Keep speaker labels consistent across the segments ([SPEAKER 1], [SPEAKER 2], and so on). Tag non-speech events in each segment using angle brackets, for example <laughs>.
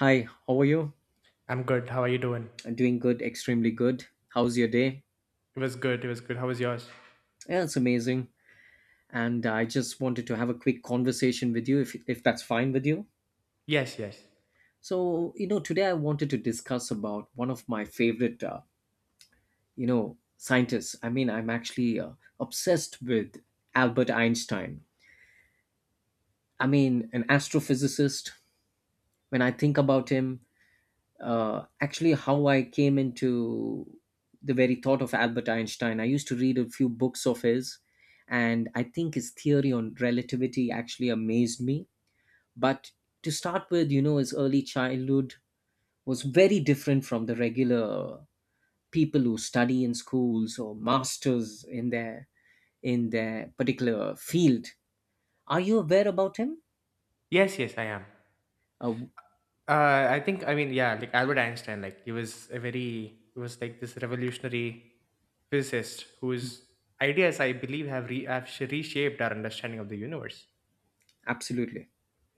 [SPEAKER 1] Hi, how are you?
[SPEAKER 2] I'm good. How are you doing?
[SPEAKER 1] I'm doing good, extremely good. How's your day?
[SPEAKER 2] It was good. It was good. How was yours?
[SPEAKER 1] Yeah, it's amazing. And I just wanted to have a quick conversation with you if that's fine with you.
[SPEAKER 2] Yes, yes.
[SPEAKER 1] So, you know, today I wanted to discuss about one of my favorite you know, scientists. I mean, I'm actually obsessed with Albert Einstein. I mean, an astrophysicist. When I think about him, actually how I came into the very thought of Albert Einstein. I used to read a few books of his, and I think his theory on relativity actually amazed me. But to start with, you know, his early childhood was very different from the regular people who study in schools or masters in their particular field. Are you aware about him?
[SPEAKER 2] Yes, yes, I am.
[SPEAKER 1] Uh,
[SPEAKER 2] I think, I mean, yeah, like Albert Einstein, like he was he was like this revolutionary physicist whose ideas, I believe, have, re- have sh- reshaped our understanding of the universe.
[SPEAKER 1] absolutely.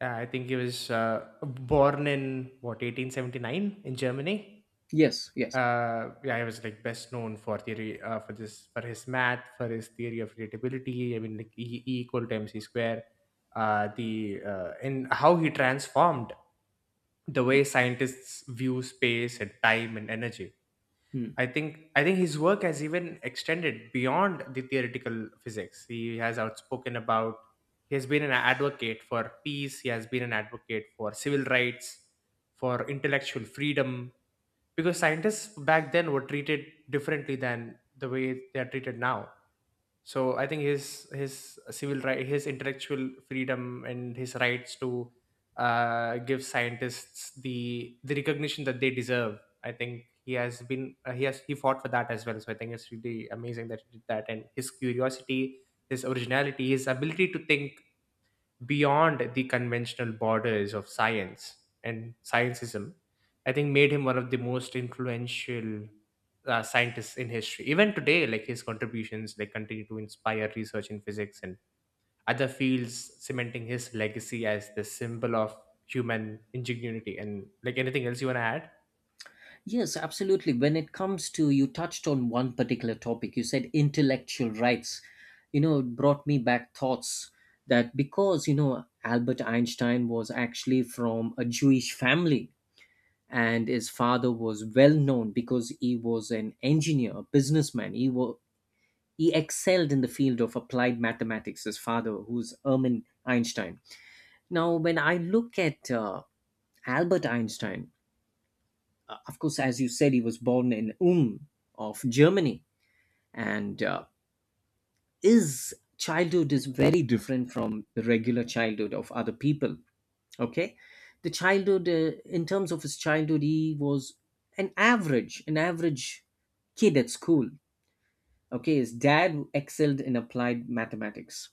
[SPEAKER 2] I think he was born in, what, 1879 in Germany?
[SPEAKER 1] Yes. Yes.
[SPEAKER 2] Yeah, he was like best known for theory for this for his math, for his theory of relatability. I mean, like e equal to mc square. The and how he transformed the way scientists view space and time and energy.
[SPEAKER 1] Hmm.
[SPEAKER 2] I think his work has even extended beyond the theoretical physics. He has outspoken about. He has been an advocate for peace. He has been an advocate for civil rights, for intellectual freedom, because scientists back then were treated differently than the way they are treated now. So I think his civil right, his intellectual freedom, and his rights to give scientists the recognition that they deserve. I think he has been he has he fought for that as well. So I think it's really amazing that he did that. And his curiosity, his originality, his ability to think beyond the conventional borders of science and scientism, I think made him one of the most influential scientists in history. Even today, like his contributions, like continue to inspire research in physics and other fields, cementing his legacy as the symbol of human ingenuity. And like anything else you want to add?
[SPEAKER 1] Yes, absolutely. When it comes to, you touched on one particular topic, you said intellectual rights. You know, it brought me back thoughts that because, you know, Albert Einstein was actually from a Jewish family, and his father was well known because he was an engineer, a businessman. He excelled in the field of applied mathematics, his father, who's Erwin Einstein. Now, when I look at Albert Einstein, of course, as you said, he was born in Ulm of Germany, and his childhood is very different from the regular childhood of other people. Okay, the childhood in terms of his childhood, he was an average kid at school. Okay, his dad excelled in applied mathematics.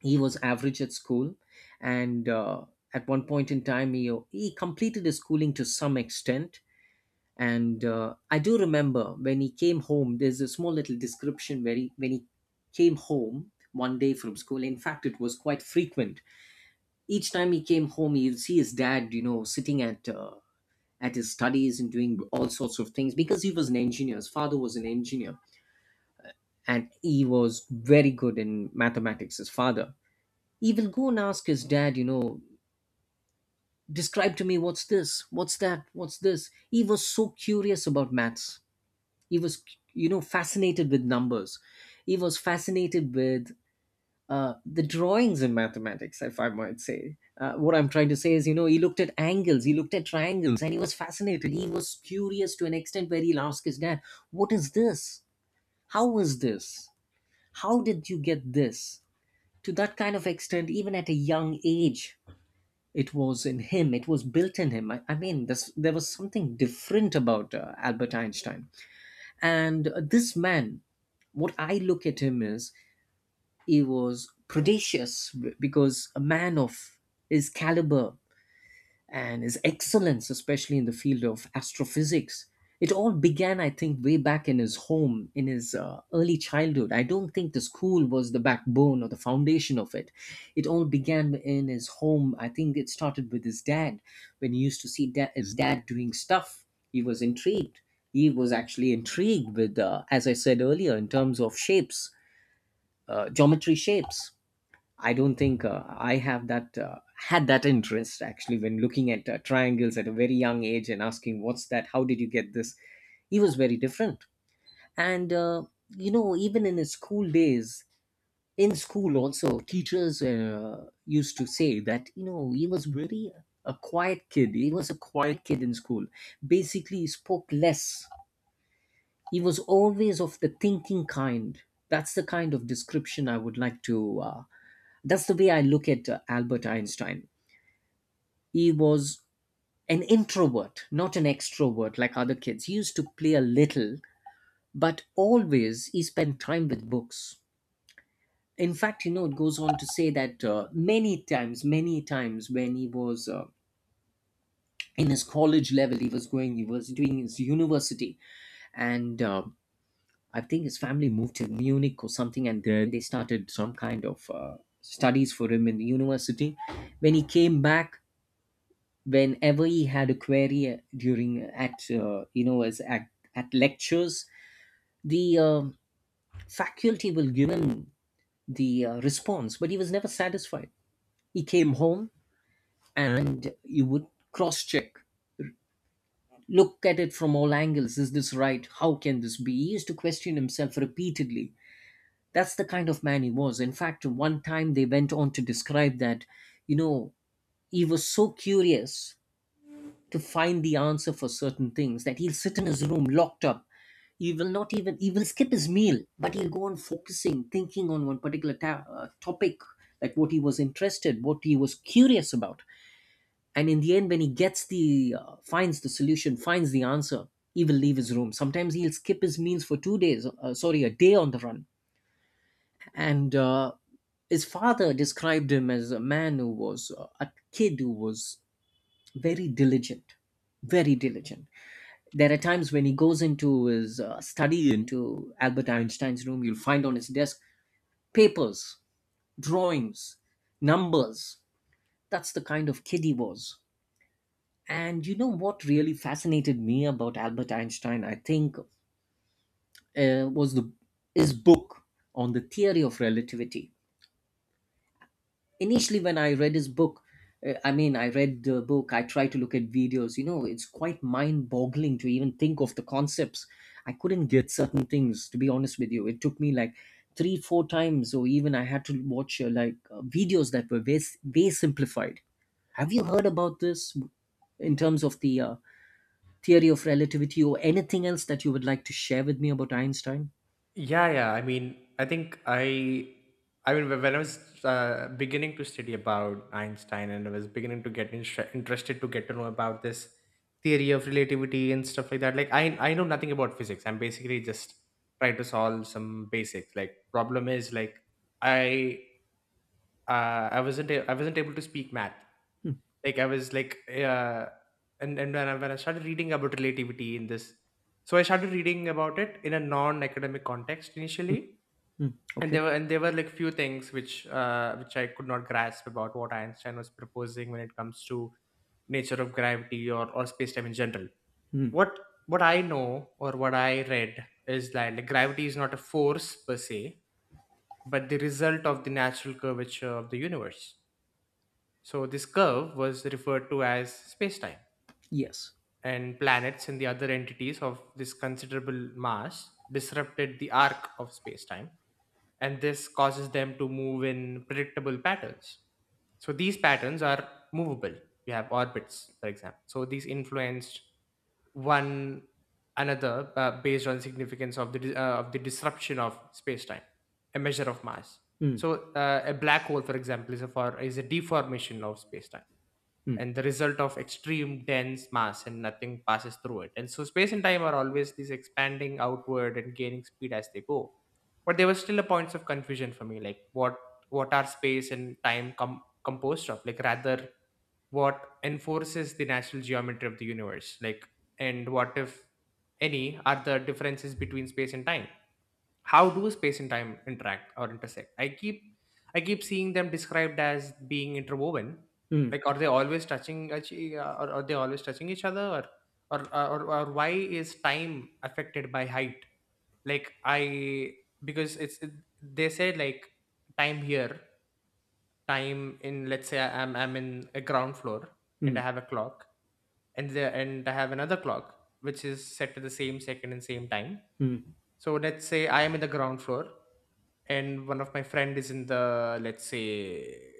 [SPEAKER 1] He was average at school, and at one point in time, he completed his schooling to some extent, and I do remember when he came home, there's a small little description where he when he came home one day from school. In fact, it was quite frequent. Each time he came home, you'll see his dad, you know, sitting at his studies and doing all sorts of things because he was an engineer, his father was an engineer, and he was very good in mathematics, his father. He will go and ask his dad, you know, describe to me what's this, what's that, what's this. He was so curious about maths. He was, you know, fascinated with numbers. He was fascinated with the drawings in mathematics, if I might say. Uh, what I'm trying to say is, you know, he looked at angles, he looked at triangles, and he was fascinated. He was curious to an extent where he'll ask his dad, what is this, how is this, how did you get this, to that kind of extent even at a young age. It was in him, it was built in him. I mean this, there was something different about Albert Einstein. And this man, what I look at him is, he was predacious because a man of his caliber and his excellence, especially in the field of astrophysics. It all began, I think, way back in his home, in his early childhood. I don't think the school was the backbone or the foundation of it. It all began in his home. I think it started with his dad. When he used to see his dad doing stuff, he was intrigued. He was actually intrigued with, as I said earlier, in terms of shapes, geometry shapes. I don't think I have that had that interest actually when looking at triangles at a very young age and asking, what's that, how did you get this. He was very different. And you know, even in his school days, in school also, teachers used to say that, you know, he was very a quiet kid. He was a quiet kid in school. Basically, he spoke less. He was always of the thinking kind. That's the kind of description I would like to that's the way I look at Albert Einstein. He was an introvert, not an extrovert like other kids. He used to play a little, but always he spent time with books. In fact, you know, it goes on to say that many times when he was in his college level, he was going, he was doing his university, and I think his family moved to Munich or something, and there they started some kind of studies for him in the university. When he came back, whenever he had a query during at you know, at lectures, the faculty will give him the response, but he was never satisfied. He came home and you would cross check, look at it from all angles, is this right, how can this be. He used to question himself repeatedly. That's the kind of man he was. In fact, one time they went on to describe that, you know, he was so curious to find the answer for certain things that he'll sit in his room locked up. He will not even He will skip his meal, but he'll go on focusing, thinking on one particular topic, like what he was interested, what he was curious about. And in the end, when he gets the finds the solution, finds the answer, he will leave his room. Sometimes he'll skip his meals for 2 days, sorry, a day on the run. And his father described him as a man who was a kid who was very diligent very diligent. There are times when he goes into his study, into Albert Einstein's room, you'll find on his desk papers, drawings, numbers. That's the kind of kid he was. And you know what really fascinated me about Albert Einstein, I think, uh, was the, his book on the theory of relativity. Initially, when I read his book, I mean, I read the book, I tried to look at videos, you know, it's quite mind boggling to even think of the concepts. I couldn't get certain things, to be honest with you. It took me like 3, 4 times, or even I had to watch videos that were way, way simplified. Have you heard about this, in terms of the theory of relativity, or anything else that you would like to share with me about Einstein?
[SPEAKER 2] Yeah, yeah. I mean, I mean, when I was beginning to study about Einstein, and I was beginning to get interested to get to know about this theory of relativity and stuff like that. Like, I know nothing about physics. I'm basically just trying to solve some basics. Like, problem is like, I, I wasn't able to speak math. Like, I was like, and when I started reading about relativity in this, so I started reading about it in a non-academic context initially,
[SPEAKER 1] Hmm,
[SPEAKER 2] and
[SPEAKER 1] okay.
[SPEAKER 2] there were and there were like few things which I could not grasp about what Einstein was proposing when it comes to nature of gravity or space time in general.
[SPEAKER 1] Hmm,
[SPEAKER 2] What what I know or what I read is that, like, gravity is not a force per se, but the result of the natural curvature of the universe. So this curve was referred to as space time,
[SPEAKER 1] yes.
[SPEAKER 2] and planets and the other entities of this considerable mass disrupted the arc of space time, and this causes them to move in predictable patterns. So these patterns are movable. You have orbits, for example. So these influenced one another based on significance of the disruption of space time, a measure of mass.
[SPEAKER 1] Hmm,
[SPEAKER 2] So a black hole, for example, is a deformation of space time
[SPEAKER 1] hmm,
[SPEAKER 2] and the result of extreme dense mass, and nothing passes through it. And so space and time are always these expanding outward and gaining speed as they go. But there were still a points of confusion for me, like what are space and time composed of? Like, rather, what enforces the natural geometry of the universe? Like, and what, if any, are the differences between space and time? How do space and time interact or intersect? I keep seeing them described as being interwoven.
[SPEAKER 1] hmm,
[SPEAKER 2] Like, are they always touching each- or are they always touching each other? Or why is time affected by height? Like I Because they say, like, time here, time in, let's say I'm in a ground floor, and
[SPEAKER 1] hmm,
[SPEAKER 2] I have a clock, and there and I have another clock which is set to the same second and same time.
[SPEAKER 1] hmm,
[SPEAKER 2] So let's say I am in the ground floor, and one of my friend is in the, let's say,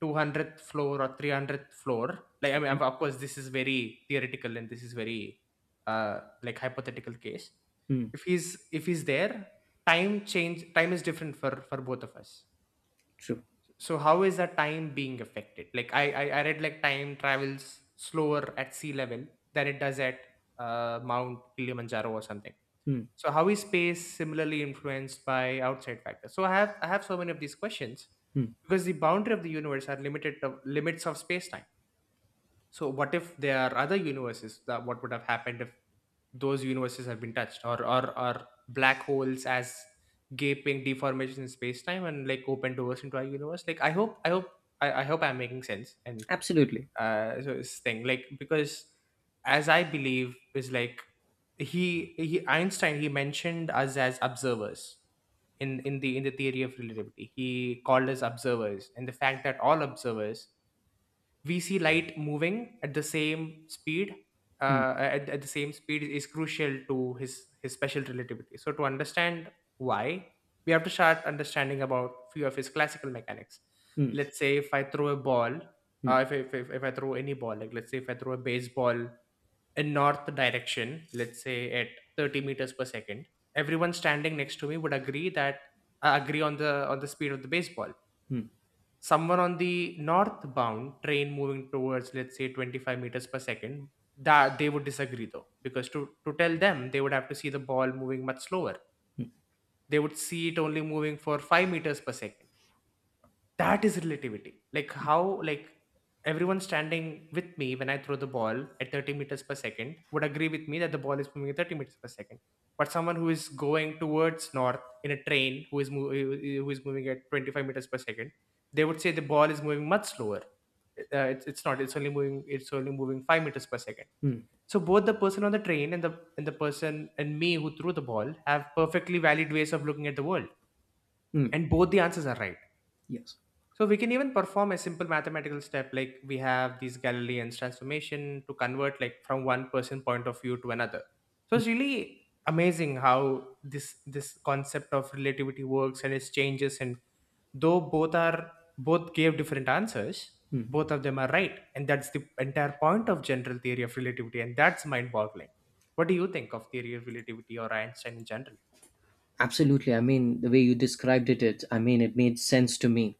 [SPEAKER 2] 200th floor or 300th floor. Like, I mean,
[SPEAKER 1] okay.
[SPEAKER 2] of course this is very theoretical, and this is very like hypothetical case.
[SPEAKER 1] Hmm.
[SPEAKER 2] If he's there, time is different for both of us.
[SPEAKER 1] True.
[SPEAKER 2] So how is that time being affected? Like, I read, like, time travels slower at sea level than it does at Mount Kilimanjaro or something.
[SPEAKER 1] Mm,
[SPEAKER 2] So how is space similarly influenced by outside factors? So I have so many of these questions,
[SPEAKER 1] mm.
[SPEAKER 2] because the boundary of the universe are limited to limits of space time. So what if there are other universes, that what would have happened if those universes have been touched, or black holes as gaping deformations in space time and like open doors into our universe? Like, I hope I'm making sense. and
[SPEAKER 1] Absolutely.
[SPEAKER 2] uh so, this thing, like, because, as I believe, is like, he Einstein, he mentioned us as observers in the theory of relativity. He called us observers, and the fact that all observers, we see light moving at the same speed,
[SPEAKER 1] Mm,
[SPEAKER 2] at the same speed, is crucial to his special relativity. So, to understand why, we have to start understanding about few of his classical mechanics.
[SPEAKER 1] mm,
[SPEAKER 2] Let's say if I throw a ball. uh,
[SPEAKER 1] mm,
[SPEAKER 2] if, if, if, if i throw any ball, like, let's say if I throw a baseball in north direction, let's say at 30 meters per second, everyone standing next to me would agree that, agree on the speed of the baseball.
[SPEAKER 1] mm,
[SPEAKER 2] Someone on the northbound train moving towards, let's say, 25 meters per second, that they would disagree, though, because, to tell them, they would have to see the ball moving much slower. They would see it only moving for 5 meters per second. That is relativity. Like, how, like, everyone standing with me when I throw the ball at 30 meters per second would agree with me that the ball is moving at 30 meters per second, but someone who is going towards north in a train, who is, who is moving at 25 meters per second, they would say the ball is moving much slower. It's not. It's only moving 5 meters per second.
[SPEAKER 1] mm,
[SPEAKER 2] So both the person on the train and the person and me who threw the ball have perfectly valid ways of looking at the world,
[SPEAKER 1] mm.
[SPEAKER 2] and both the answers are right.
[SPEAKER 1] Yes.
[SPEAKER 2] So we can even perform a simple mathematical step, like we have these Galilean's transformation to convert, like, from one person point of view to another. So it's really amazing how this concept of relativity works and its changes. And though both gave different answers, both of them are right. And that's the entire point of general theory of relativity, and that's mind boggling. What do you think of theory of relativity or Einstein in general?
[SPEAKER 1] Absolutely. I mean, the way you described it, I mean, it made sense to me.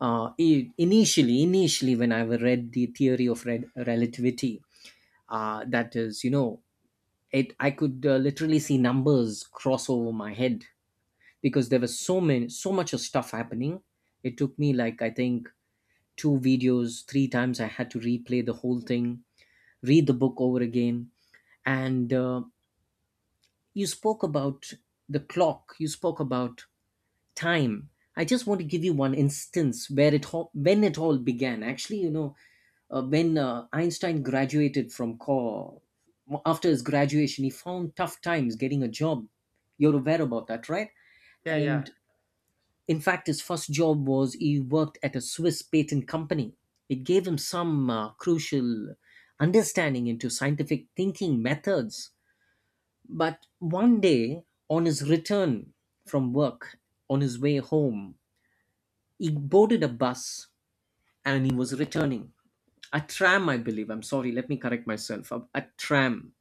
[SPEAKER 1] Initially, when I read the theory of relativity, that is, you know, it I could literally see numbers cross over my head, because there was so many, so much of stuff happening. It took me, like, I think two videos, three times. I had to replay the whole thing, read the book over again. And you spoke about the clock, you spoke about time. I just want to give you one instance where when it all began. Actually, you know, when Einstein graduated from co after his graduation, he found tough times getting a job. You're aware about that, right?
[SPEAKER 2] Yeah, yeah.
[SPEAKER 1] And in fact, his first job was, he worked at a Swiss patent company. It gave him some crucial understanding into scientific thinking methods. But one day, on his return from work, on his way home, he boarded a bus and he was returning. A tram, I believe. I'm sorry, let me correct myself. A tram.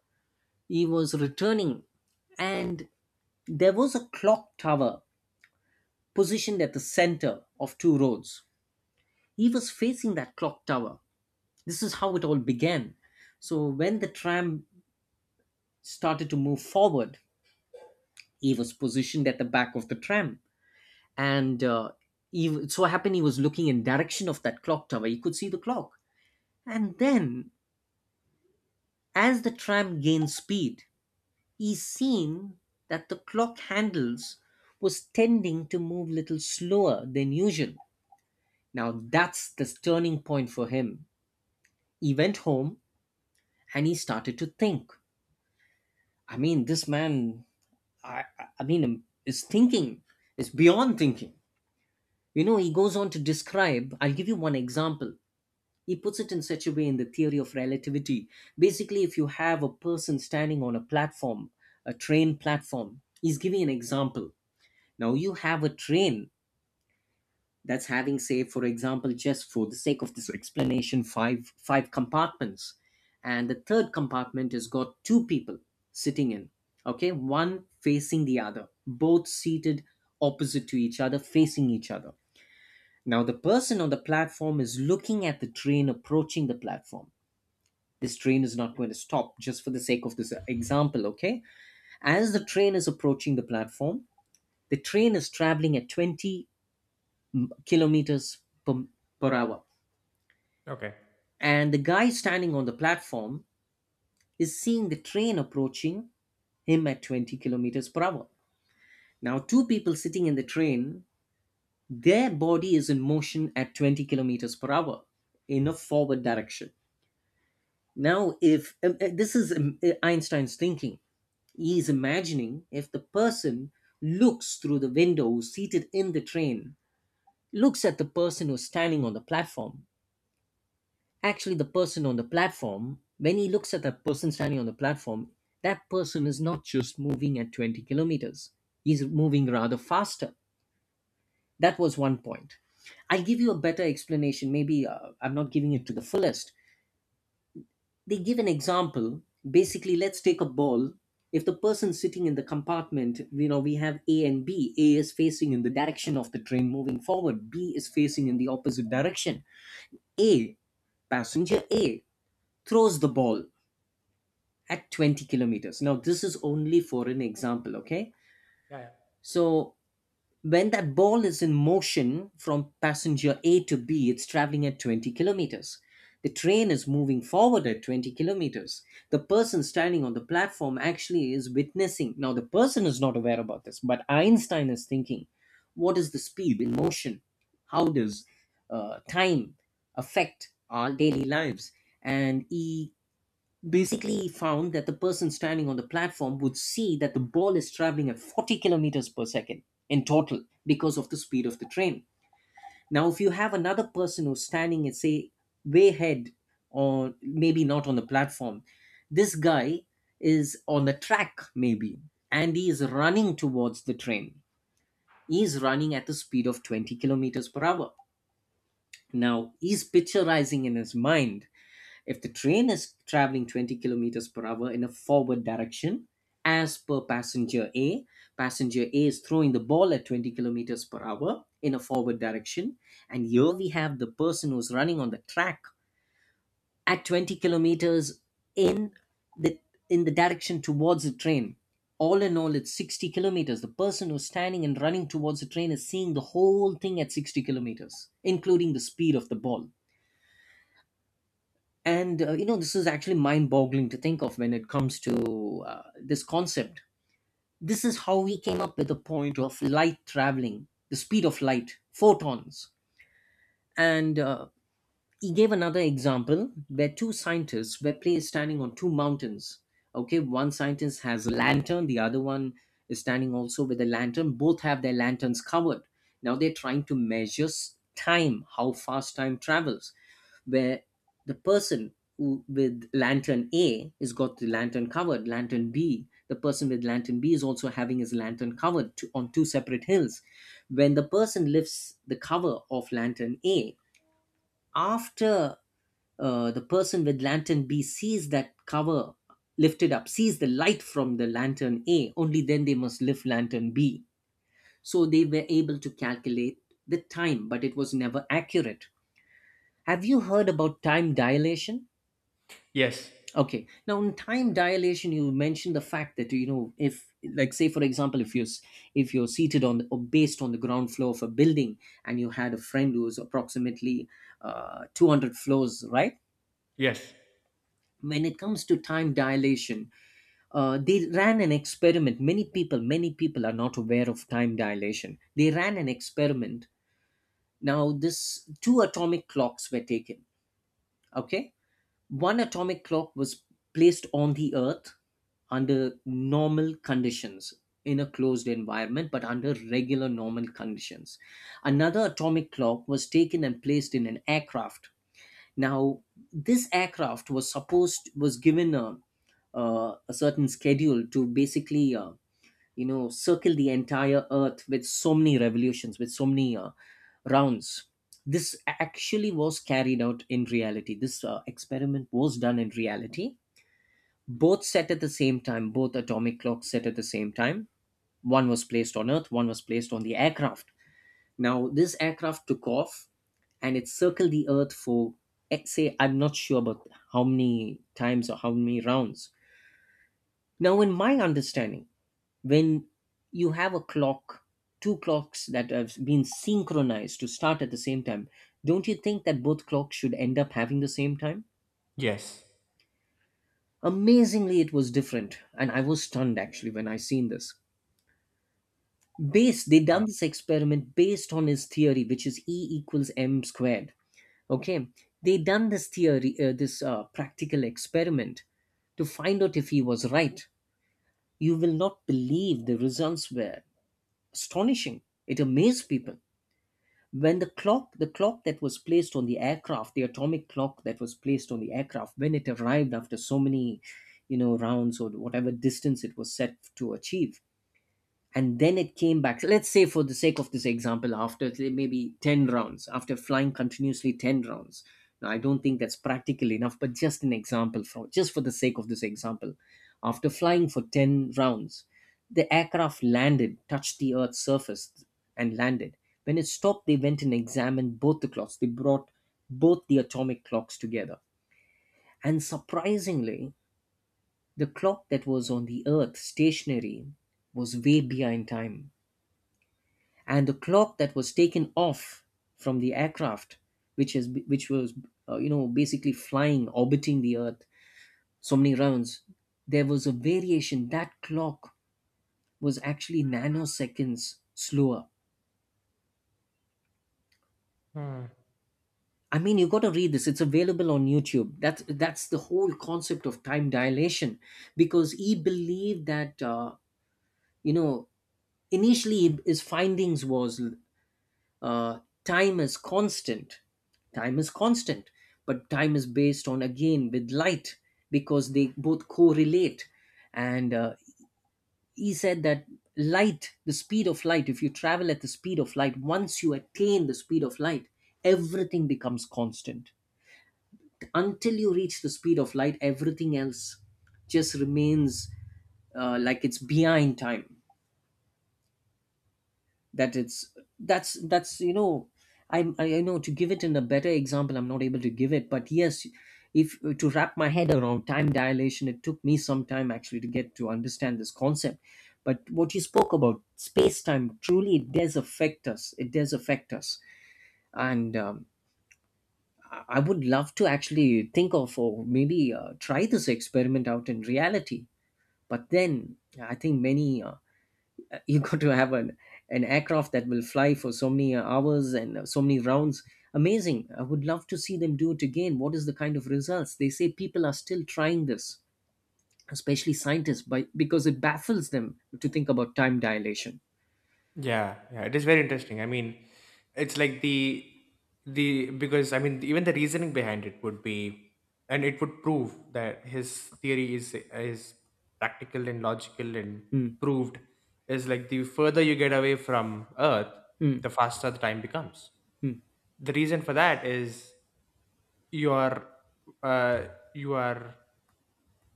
[SPEAKER 1] He was returning, and there was a clock tower positioned at the center of two roads. He was facing that clock tower. This is how it all began. So, when the tram started to move forward, he was positioned at the back of the tram, and it so happened he was looking in direction of that clock tower, he could see the clock. And then, as the tram gained speed, he seen that the clock handles was tending to move little slower than usual. Now that's this turning point for him. He went home and he started to think. I mean, this man, I mean, is thinking is beyond thinking. You know, he goes on to describe, I'll give you one example. He puts it in such a way in the theory of relativity. Basically, if you have a person standing on a platform, a train platform, he's giving an example. Now, you have a train that's having, say, for example, just for the sake of this explanation, five compartments. And the third compartment has got two people sitting in, okay, one facing the other, both seated opposite to each other, facing each other. Now, the person on the platform is looking at the train approaching the platform. This train is not going to stop, just for the sake of this example, okay? As the train is approaching the platform, the train is traveling at 20 kilometers per, per hour,
[SPEAKER 2] Okay.
[SPEAKER 1] and the guy standing on the platform is seeing the train approaching him at 20 kilometers per hour. Now, two people sitting in the train, their body is in motion at 20 kilometers per hour in a forward direction. Now, if this is Einstein's thinking. He is imagining, if the person looks through the window who's seated in the train, looks at the person who's standing on the platform. Actually, the person on the platform, when he looks at that person standing on the platform, that person is not just moving at 20 kilometers, he's moving rather faster. That was one point. I'll give you a better explanation. Maybe I'm not giving it to the fullest. They give an example. Basically, let's take a ball. If the person sitting in the compartment, we have A and B. A is facing in the direction of the train moving forward. B is facing in the opposite direction. A, passenger A, throws the ball at 20 kilometers. Now, this is only for an example, okay?
[SPEAKER 2] Yeah, yeah.
[SPEAKER 1] So when that ball is in motion from passenger A to B, it's traveling at 20 kilometers. The train is moving forward at 20 kilometers. The person standing on the platform actually is witnessing. Now, the person is not aware about this, but Einstein is thinking, what is the speed in motion? How does time affect our daily lives? And he basically found that the person standing on the platform would see that the ball is traveling at 40 kilometers per second in total because of the speed of the train. Now, if you have another person who's standing at, say, way ahead, or maybe not on the platform, this guy is on the track, maybe, and he is running towards the train. He is running at the speed of 20 kilometers per hour. Now, he's picturizing in his mind, if the train is traveling 20 kilometers per hour in a forward direction, as per passenger A, passenger A is throwing the ball at 20 kilometers per hour in a forward direction. And here we have the person who's running on the track at 20 kilometers in the in the direction towards the train. All in all, it's 60 kilometers. The person who's standing and running towards the train is seeing the whole thing at 60 kilometers, including the speed of the ball, and this is actually mind-boggling to think of when it comes to this concept. This is how we came up with the point of light traveling, the speed of light, photons. And he gave another example where two scientists were placed standing on two mountains. Okay, one scientist has a lantern, the other one is standing also with a lantern, both have their lanterns covered. Now they're trying to measure time, how fast time travels, where the person with lantern A has got the lantern covered, lantern B, the person with lantern B is also having his lantern covered to, on two separate hills. When the person lifts the cover of lantern A, after the person with lantern B sees that cover lifted up, sees the light from the lantern A, only then they must lift lantern B. So they were able to calculate the time, but it was never accurate. Have you heard about time dilation?
[SPEAKER 2] Yes.
[SPEAKER 1] Okay. Now, in time dilation, you mentioned the fact that, if, like, say for example, if you're seated or based on the ground floor of a building, and you had a friend who was approximately 200 floors, right?
[SPEAKER 2] Yes.
[SPEAKER 1] When it comes to time dilation, they ran an experiment. Many people are not aware of time dilation. They ran an experiment. Now, this two atomic clocks were taken. Okay. One atomic clock was placed on the Earth under normal conditions, in a closed environment, but under regular normal conditions. Another atomic clock was taken and placed in an aircraft. Now, this aircraft was given a certain schedule to basically circle the entire Earth with so many revolutions, with so many rounds. This actually was carried out in reality. This experiment was done in reality. Both set at the same time, both atomic clocks set at the same time. One was placed on Earth, one was placed on the aircraft. Now this aircraft took off, and it circled the Earth for, say, I'm not sure about how many times or how many rounds. Now, in my understanding, when you have a clock, two clocks that have been synchronized to start at the same time, don't you think that both clocks should end up having the same time?
[SPEAKER 2] Yes.
[SPEAKER 1] Amazingly, it was different, and I was stunned actually when I seen this. They
[SPEAKER 2] Uh,
[SPEAKER 1] done this experiment based on his theory, which is E equals m squared. Okay, they done this practical experiment to find out if he was right. You will not believe, the results were astonishing. It amazed people. When the clock that was placed on the aircraft, the atomic clock that was placed on the aircraft, when it arrived after so many, rounds or whatever distance it was set to achieve, and then it came back. So let's say, for the sake of this example, after maybe 10 rounds, after flying continuously 10 rounds — now I don't think that's practical enough, but just an example, for just for the sake of this example — after flying for 10 rounds, the aircraft landed, touched the Earth's surface and landed. When it stopped, they went and examined both the clocks. They brought both the atomic clocks together, and surprisingly, the clock that was on the Earth stationary was way behind time, and the clock that was taken off from the aircraft, which was basically flying, orbiting the Earth so many rounds — there was a variation. That clock was actually nanoseconds slower.
[SPEAKER 2] Hmm.
[SPEAKER 1] I mean, you got to read this. It's available on YouTube. That's the whole concept of time dilation, because he believed that, you know initially, his findings was, uh, time is constant, time is constant. But time is based on, again, with light, because they both correlate. And he said that, light the speed of light, if you travel at the speed of light, once you attain the speed of light, everything becomes constant. Until you reach the speed of light, everything else just remains like it's behind time. That it's that's that's you know. I know, to give it in a better example I'm not able to give it, but yes. If, to wrap my head around time dilation, it took me some time actually to get to understand this concept. But what you spoke about space time, truly, it does affect us, it does affect us. And I would love to actually think of, or maybe try this experiment out in reality. But then I think many you got to have an aircraft that will fly for so many hours and so many rounds. Amazing. I would love to see them do it again. What is the kind of results? They say people are still trying this, especially scientists, because it baffles them to think about time dilation.
[SPEAKER 2] Yeah, yeah, it is very interesting. I mean, it's like the, because, I mean, even the reasoning behind it would be, and it would prove that his theory is practical and logical and
[SPEAKER 1] Hmm,
[SPEAKER 2] proved, is like, the further you get away from Earth, the
[SPEAKER 1] hmm,
[SPEAKER 2] faster the time becomes.
[SPEAKER 1] hmm,
[SPEAKER 2] The reason for that is, you are uh, you are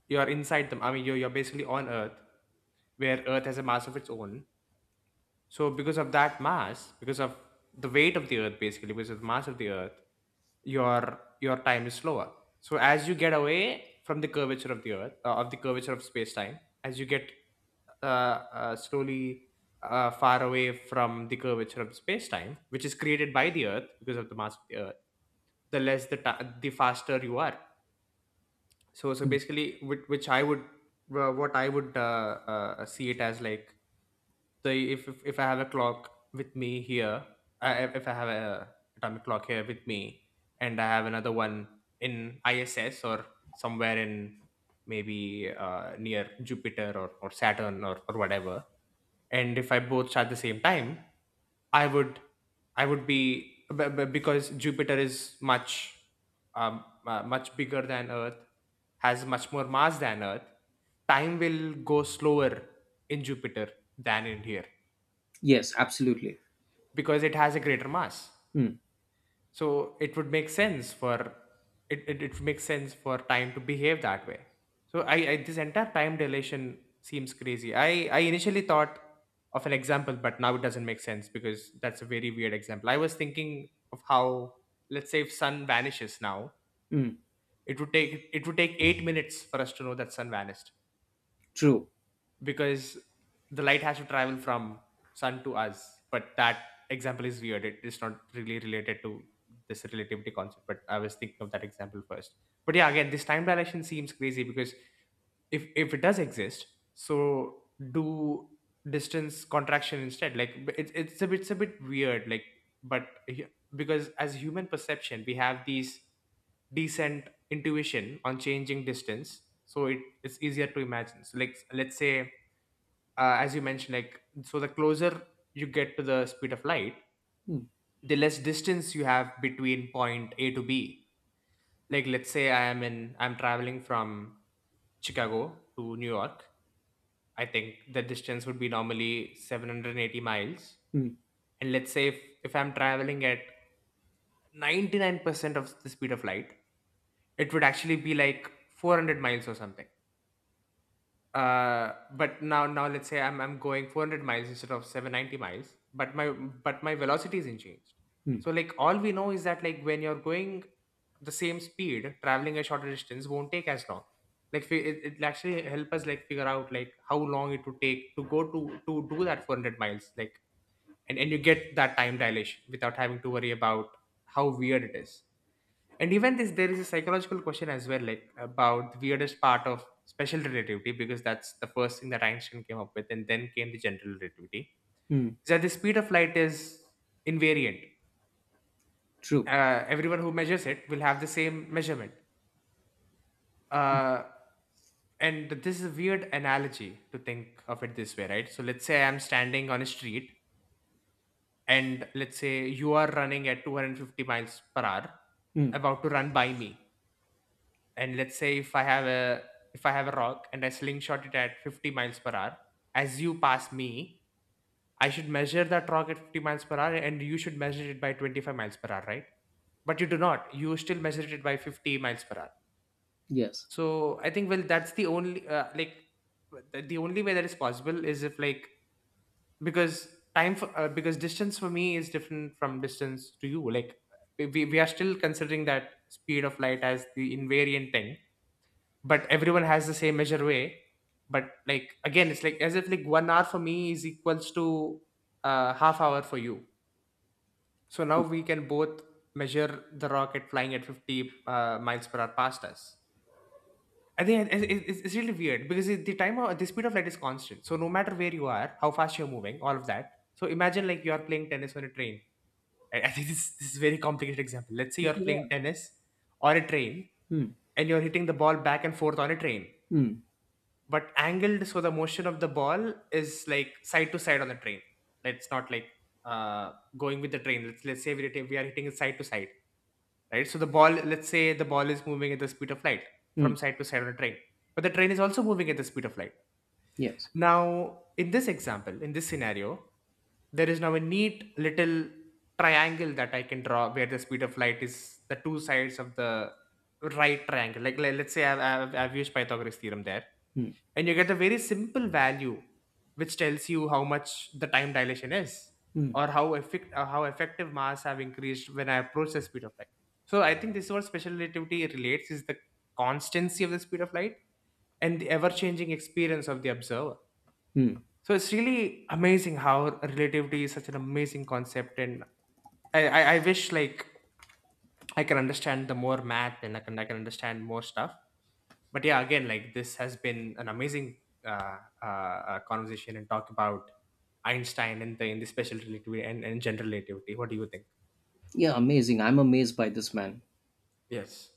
[SPEAKER 2] you are inside them. I mean, you're basically on Earth, where Earth has a mass of its own. So because of that mass, because of the weight of the earth basically, because of the mass of the earth, your time is slower. So as you get away from the curvature of the earth, of the curvature of space time, as you get slowly, far away from the curvature of space time, which is created by the earth because of the mass of the earth, the less the ti the faster you are. So,
[SPEAKER 1] hmm.
[SPEAKER 2] basically, which I would wha- what I would, see it as, like, the if I have a clock with me here, if I have a atomic clock here with me, and I have another one in ISS, or somewhere in, maybe near Jupiter, or Saturn, or whatever, and if I both at the same time, I would, because Jupiter is much much bigger than Earth, has much more mass than Earth. Time will go slower in Jupiter than in here
[SPEAKER 1] Yes, absolutely.
[SPEAKER 2] because it has a greater mass.
[SPEAKER 1] Hmm,
[SPEAKER 2] So it would make sense for it would make sense for time to behave that way. So I this entire time dilation seems crazy. I initially thought of an example, but now it doesn't make sense because that's a very weird example. I was thinking of how, let's say, if sun vanishes now,
[SPEAKER 1] hmm.
[SPEAKER 2] it would take 8 minutes for us to know that sun vanished,
[SPEAKER 1] True.
[SPEAKER 2] because the light has to travel from sun to us. But that example is weird. It is not really related to this relativity concept, but I was thinking of that example first. But yeah, again, this time dilation seems crazy because if it does exist, so do distance contraction instead. Like, it's it's a bit weird, like, but because as human perception, we have these decent intuition on changing distance. So it's easier to imagine. So, like, let's say, as you mentioned, like, so the closer you get to the speed of light,
[SPEAKER 1] Hmm,
[SPEAKER 2] the less distance you have between point A to B. Like, let's say I am in I'm traveling from Chicago to New York. I think the distance would be normally 780 miles.
[SPEAKER 1] hmm,
[SPEAKER 2] And let's say if, I'm traveling at 99% of the speed of light, it would actually be like 400 miles or something. Uh, but now, let's say I'm going 400 miles instead of 790 miles, but my velocity isn't changed.
[SPEAKER 1] hmm,
[SPEAKER 2] So, like, all we know is that, like, when you're going the same speed, traveling a shorter distance won't take as long. Like, it'll actually help us, like, figure out, like, how long it would take to go to do that 400 miles. Like, and you get that time dilation without having to worry about how weird it is. And even this, there is a psychological question as well, like, about the weirdest part of special relativity, because that's the first thing that Einstein came up with, and then came the general relativity.
[SPEAKER 1] hmm.
[SPEAKER 2] Is that the speed of light is invariant?
[SPEAKER 1] True.
[SPEAKER 2] Everyone who measures it will have the same measurement. Uh, and this is a weird analogy to think of it this way, right? So let's say I'm standing on a street, and let's say you are running at 250 miles per hour,
[SPEAKER 1] Hmm.
[SPEAKER 2] about to run by me. And let's say if I have a if I have a rock and I slingshot it at 50 miles per hour as you pass me, I should measure that rock at 50 miles per hour and you should measure it by 25 miles per hour, right? But you do not. You still measure it by 50 miles per hour.
[SPEAKER 1] Yes.
[SPEAKER 2] So I think, well, that's the only like, the only way that is possible is if, like, because time for because distance for me is different from distance to you. Like, we are still considering that speed of light as the invariant thing, but everyone has the same measure way. But, like, again, it's like as if, like, 1 hour for me is equals to, half hour for you. So now
[SPEAKER 1] True.
[SPEAKER 2] we can both measure the rocket flying at 50 miles per hour past us. I think it's really weird because the time of the speed of light is constant. So no matter where you are, how fast you're moving, all of that. So imagine, like, you are playing tennis on a train. I think <laughs> this is a very complicated example. Let's say
[SPEAKER 1] Yeah,
[SPEAKER 2] you're
[SPEAKER 1] yeah.
[SPEAKER 2] playing tennis or a train,
[SPEAKER 1] Hmm,
[SPEAKER 2] and you're hitting the ball back and forth on a train,
[SPEAKER 1] hmm,
[SPEAKER 2] but angled, so the motion of the ball is, like, side to side on the train. It's not like, uh going with the train. Let's say we are hitting it side to side, right? So the ball, let's say the ball is moving at the speed of light
[SPEAKER 1] hmm.
[SPEAKER 2] from side to side on a train, but the train is also moving at the speed of light.
[SPEAKER 1] Yes.
[SPEAKER 2] Now, in this example, in this scenario, there is now a neat little triangle that I can draw where the speed of light is the two sides of the right triangle. Like, let's say I've used Pythagoras theorem there,
[SPEAKER 1] Hmm,
[SPEAKER 2] and you get a very simple value which tells you how much the time dilation is,
[SPEAKER 1] hmm,
[SPEAKER 2] or how effect how effective mass have increased when I approach the speed of light. So I think this is what special relativity relates is the constancy of the speed of light and the ever-changing experience of the observer.
[SPEAKER 1] hmm.
[SPEAKER 2] So it's really amazing how relativity is such an amazing concept. And I wish, like, I can understand the more math, and I can understand more stuff. But yeah, again, like, this has been an amazing conversation and talk about Einstein and the special relativity and, general relativity. What do you think?
[SPEAKER 1] Yeah, amazing. I'm amazed by this man.
[SPEAKER 2] Yes.